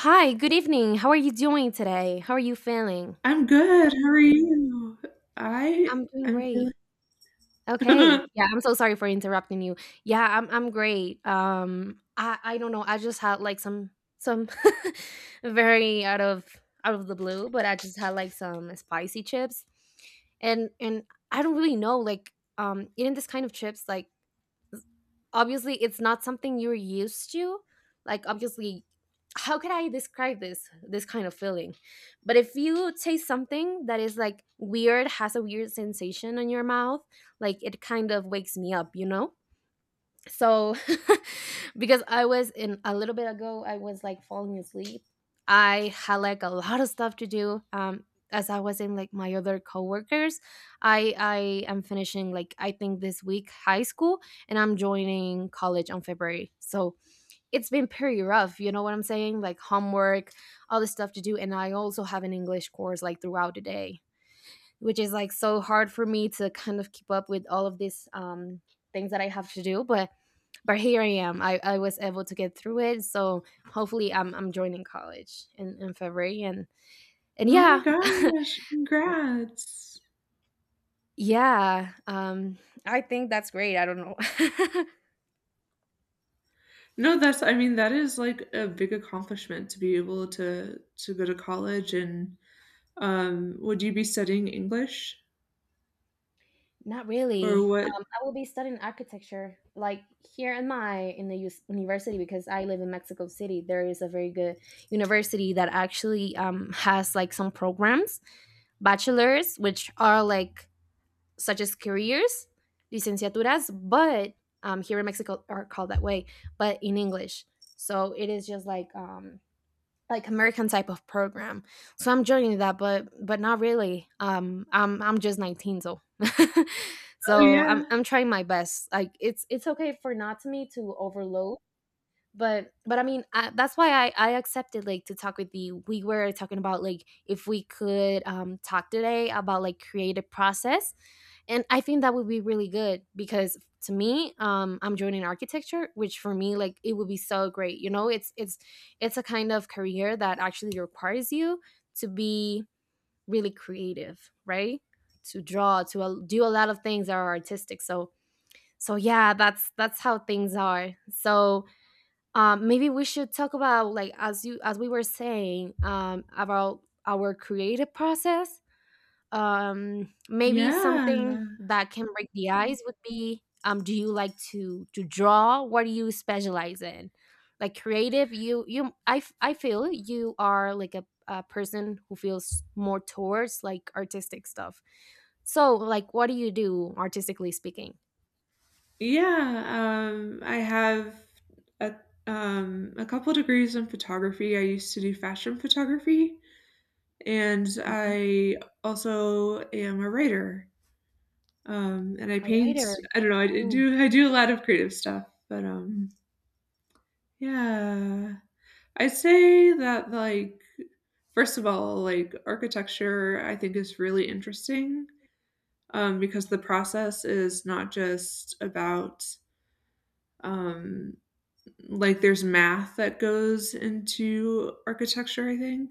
Hi, good evening. How are you doing today? How are you feeling? I'm good. How are you? I I'm doing am great. feeling Okay. Yeah, I'm so sorry for interrupting you. Yeah, I'm great. I don't know. I just had like some very out of the blue, but I just had like some spicy chips. And I don't really know, like eating this kind of chips, like obviously it's not something you're used to. Like obviously, how can I describe this kind of feeling? But if you taste something that is like weird, has a weird sensation in your mouth, like it kind of wakes me up, you know. So because I was, in a little bit ago I was like falling asleep. I had like a lot of stuff to do, as I was in like my other coworkers. I am finishing, like I think this week, high school, and I'm joining college on February. So it's been pretty rough, you know what I'm saying, like homework, all the stuff to do. And I also have an English course like throughout the day, which is like so hard for me to kind of keep up with all of these things that I have to do. But here I am. I was able to get through it. So hopefully I'm joining college in February and Oh my yeah. gosh, congrats. Yeah. I think that's great. I don't know. No, that's I mean, that is like a big accomplishment to be able to go to college and, would you be studying English Not or really. what? I will be studying architecture, like here in my, in the us- university, because I live in Mexico City. There is a very good university that actually has like some programs, bachelors, which are like such as careers, licenciaturas, but here in Mexico are called that way, but in English. So it is just like American type of program. So I'm joining that, but not really. I'm just 19. So Oh so I'm yeah. I'm trying my best. Like it's okay for not me to overload. But I mean, that's why I accepted, like, to talk with you. We were talking about like if we could talk today about like creative process, and I think that would be really good. Because to me, I'm joining architecture, which for me, like, it would be so great, you know. It's it's a kind of career that actually requires you to be really creative, right? To draw, to do a lot of things that are artistic. So yeah, that's how things are. So maybe we should talk about, like, as you, as we were saying, about our creative process. Maybe Yeah. something that can break the ice would be, do you like to draw? What do you specialize in, like, creative? I feel you are like a person who feels more towards like artistic stuff. So like what do you do artistically speaking? Yeah, I have a a couple degrees in photography. I used to do fashion photography, and Okay. I also am a writer. And I A paint. writer. I don't know. I Oh, do. I do a lot of creative stuff, but yeah, I'd say that, like, first of all, like architecture, I think is really interesting, because the process is not just about, um, like, there's math that goes into architecture. I think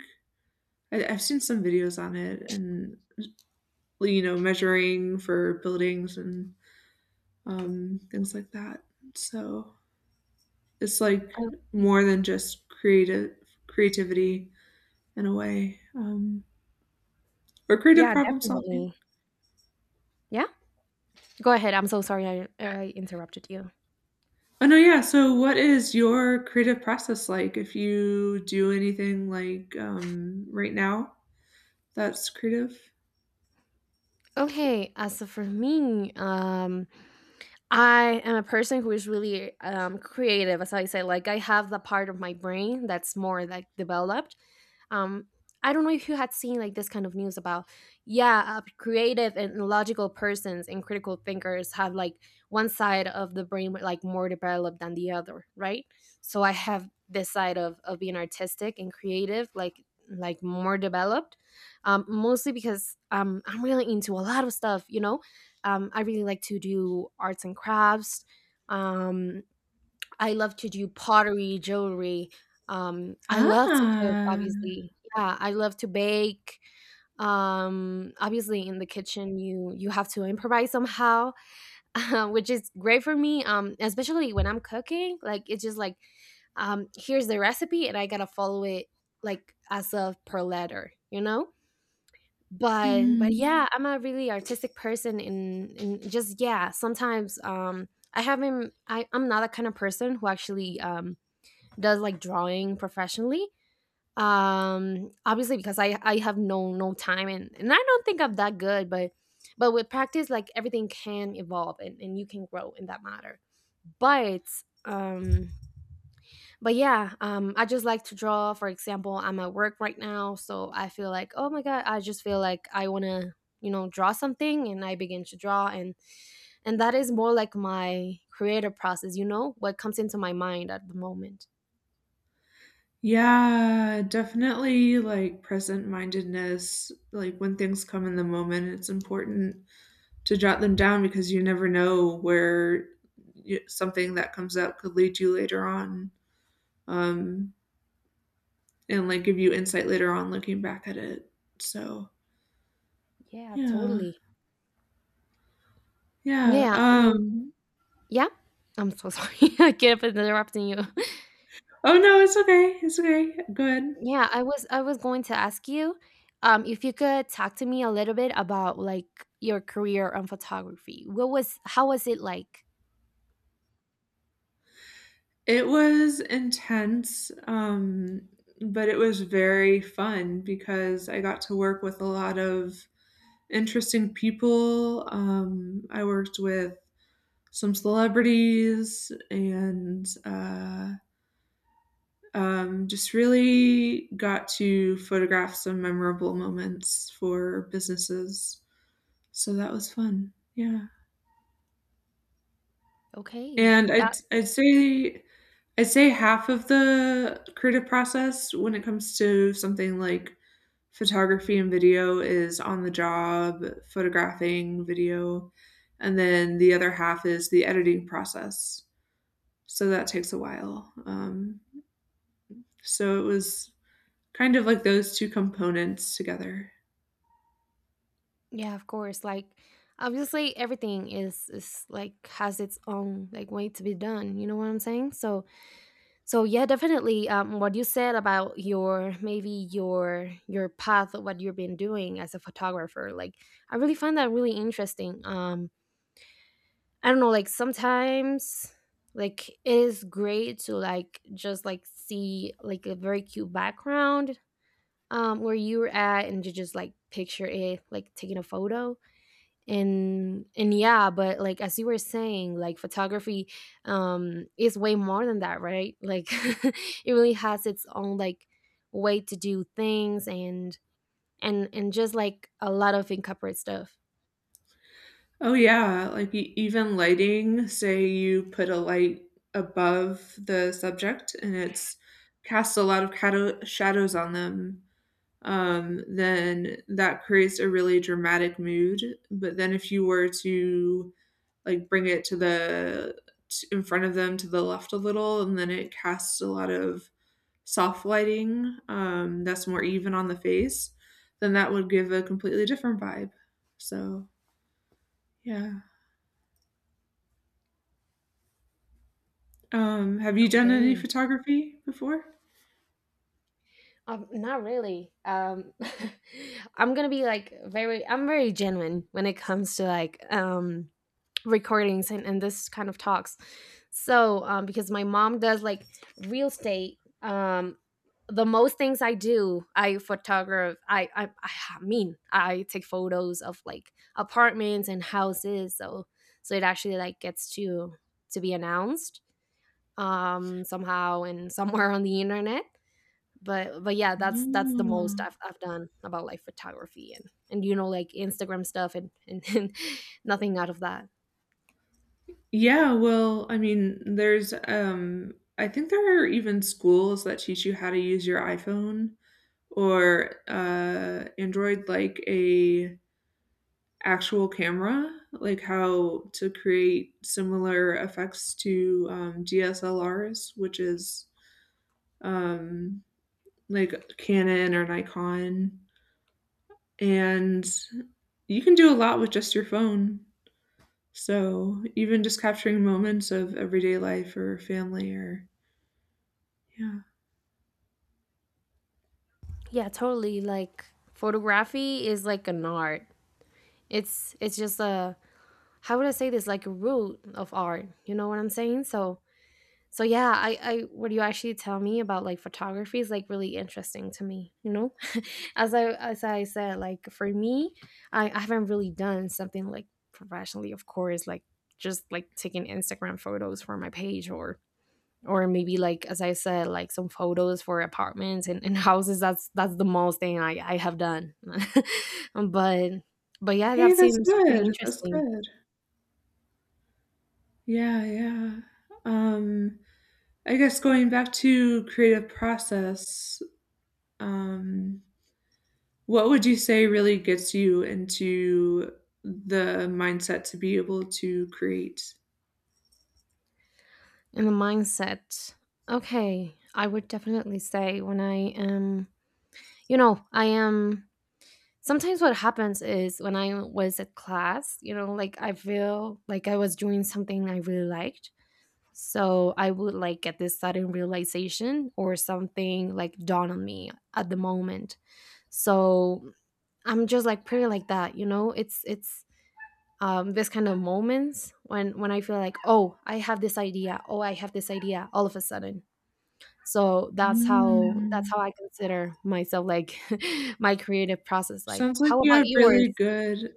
I've seen some videos on it, and, measuring for buildings and, things like that. So it's like okay. more than just creative creativity, in a way, or creative Yeah, problem solving. definitely. Yeah. Go ahead. I'm so sorry, I interrupted you. Oh no, yeah. So, what is your creative process like? If you do anything like, right now, that's creative. Okay, as for me, I am a person who is really, creative, as I say. Like I have the part of my brain that's more like developed. Um, I don't know if you had seen like this kind of news about, yeah, creative and logical persons and critical thinkers have like one side of the brain like more developed than the other, right? So I have this side of being artistic and creative, like more developed, mostly because, I'm really into a lot of stuff, you know. Um, I really like to do arts and crafts. Um, I love to do pottery, jewelry. I love to cook, Ah, obviously. Yeah, I love to bake. Obviously, in the kitchen, you have to improvise somehow, which is great for me. Especially when I'm cooking, like it's just like, here's the recipe, and I gotta follow it like as of per letter, you know. But mhm. yeah, I'm a really artistic person in just, yeah, sometimes, I haven't, I'm not that kind of person who actually does like drawing professionally. Um, obviously because I have no time, and I don't think I'm that good. But with practice, like, everything can evolve, and you can grow in that matter. But um but yeah, I just like to draw. For example, I'm at work right now, so I feel like, oh my god, I just feel like I wanna, you know, draw something, and I begin to draw, and that is more like my creative process. You know, what comes into my mind at the moment. Yeah, definitely like present mindedness. Like when things come in the moment, it's important to jot them down, because you never know where something that comes up could lead you later on, um, and like give you insight later on looking back at it. So Yeah, yeah, totally. yeah. Yeah, I mean, Um, yeah. I'm so sorry. I keep interrupting you. oh no, it's okay. It's okay. Go ahead. Yeah, I was going to ask you if you could talk to me a little bit about like your career on photography. What was, how was it like? It was intense, but it was very fun because I got to work with a lot of interesting people. I worked with some celebrities and, just really got to photograph some memorable moments for businesses. So that was fun. Yeah. Okay. And I'd, That, I'd say I'd say half of the creative process, when it comes to something like photography and video, is on the job, photographing, video, and then the other half is the editing process. So that takes a while. So it was kind of like those two components together. yeah, of course. Like obviously everything is like, has its own like way to be done. You know what I'm saying? So so yeah, definitely, what you said about your, maybe your path of what you've been doing as a photographer, like I really find that really interesting. Um, I don't know, like sometimes, like, it is great to like just like see like a very cute background, um, where you were at, and you just like picture it, like taking a photo. And yeah, but like as you were saying, like photography, um, is way more than that, right, like. It really has its own like way to do things, and just like a lot of incorporate stuff. Oh yeah, like even lighting, say you put a light above the subject and it's casts a lot of shadows on them, then that creates a really dramatic mood. But then if you were to, like, bring it to the in front of them, to the left a little, and then it casts a lot of soft lighting, that's more even on the face, then that would give a completely different vibe. So yeah. Have you done any Okay. photography before? Um, not really. Um, I'm gonna be like very, I'm very genuine when it comes to like, um, recordings, and this kind of talks. So, because my mom does like real estate, the most things I do, I photograph. I mean, I take photos of like apartments and houses. So so it actually like gets to be announced, um, somehow, and somewhere on the internet. But yeah, that's the Oh, most I've done about like photography. And you know, like Instagram stuff, and, and nothing out of that. yeah, well, I mean, there's, I think there are even schools that teach you how to use your iPhone or, Android like a actual camera, like how to create similar effects to, DSLRs, which is, um, like Canon or Nikon, and you can do a lot with just your phone. So even just capturing moments of everyday life or family or, yeah. Yeah, totally. Like photography is like an art. It's just a, how would I say this? Like a root of art. You know what I'm saying? So so yeah, I, what you actually tell me about like photography is like really interesting to me. You know, as I said, like for me, I haven't really done something like professionally, of course, like just like taking Instagram photos for my page, or maybe like as I said, like some photos for apartments and houses. That's the most thing I have done. but but yeah, Hey, that that's seems pretty good, that's interesting. good. Yeah, yeah. Um, I guess going back to creative process, um, what would you say really gets you into the mindset to be able to create? And the mindset, okay. I would definitely say when I am, you know, I am. Sometimes what happens is when I was at class, you know, like I feel like I was doing something I really liked, so I would like get this sudden realization, or something like dawn on me at the moment. So I'm just like pretty like that, you know. It's um, this kind of moments when I feel like, oh, I have this idea, oh, I have this idea, all of a sudden. So that's how that's Mm. how I consider myself, like, my creative process. Like, Sounds like how you about have yours? really good,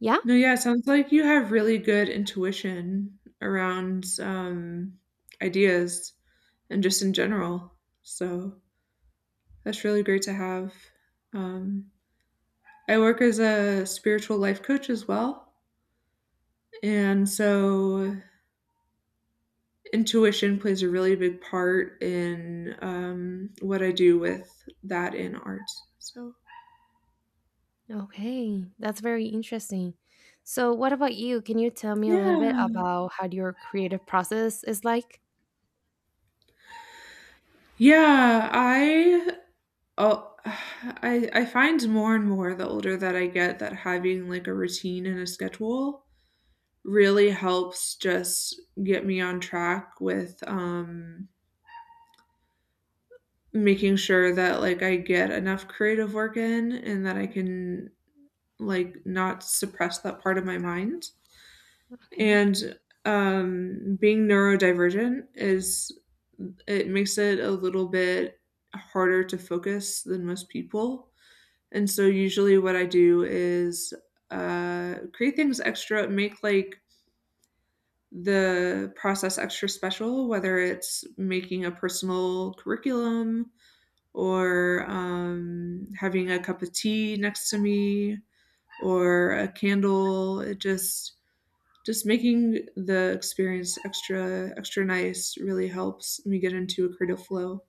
Yeah. no, yeah, sounds like you have really good intuition around, ideas and just in general, so that's really great to have. Um, I work as a spiritual life coach as well. And so intuition plays a really big part in, what I do with that in art. So, Okay, that's very interesting. So what about you, can you tell me a little bit yeah. about how your creative process is like? Yeah, I. Oh, I find more and more, the older that I get, that having like a routine and a schedule really helps just get me on track with, making sure that, like, I get enough creative work in and that I can, like, not suppress that part of my mind. Okay. And, being neurodivergent, is it makes it a little bit harder to focus than most people. And so usually what I do is, create things extra, make like the process extra special, whether it's making a personal curriculum or, having a cup of tea next to me or a candle. It just making the experience extra extra nice really helps me get into a creative flow.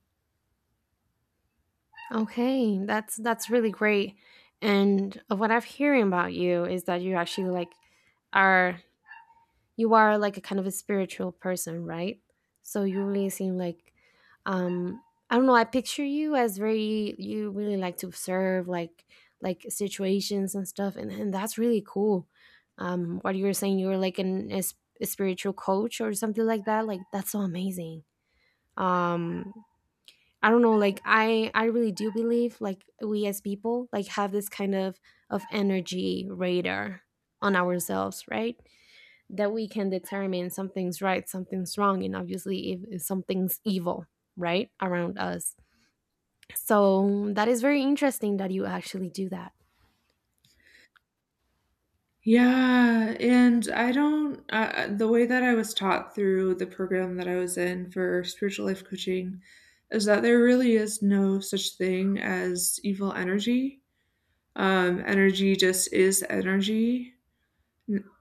Okay, that's really great. And of what I've hearing about you is that you actually like are, you are like a kind of a spiritual person, right? So you really seem like, um, I don't know, I picture you as very, you really like to observe like situations and stuff, and that's really cool. Um, what you were saying, you were like an a spiritual coach or something like that, like that's so amazing. Um, I don't know, like I really do believe like we as people like have this kind of energy radar on ourselves, right? That we can determine something's right, something's wrong, and obviously if something's evil, right, around us. So that is very interesting that you actually do that. Yeah, and I don't, the way that I was taught through the program that I was in for spiritual life coaching is that there really is no such thing as evil energy. Energy just is energy.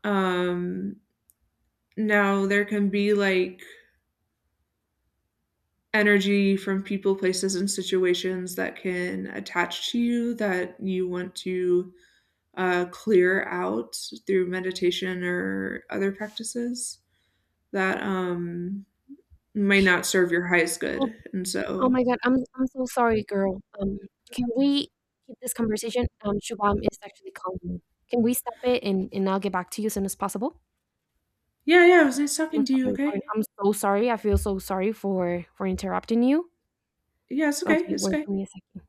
Um, now there can be like energy from people, places, and situations that can attach to you that you want to, clear out through meditation or other practices that, may not serve your highest Oh, good. And oh so, my god, I'm so sorry, girl. Can we keep this conversation? Shubham is actually calling me. Can we stop it, and I'll get back to you as soon as possible? yeah, yeah, it was nice I'm gonna talking to stop you. the Okay. recording. I'm so sorry. I feel so sorry for interrupting you. Yeah, it's okay. Okay, It's wait okay. for me a second.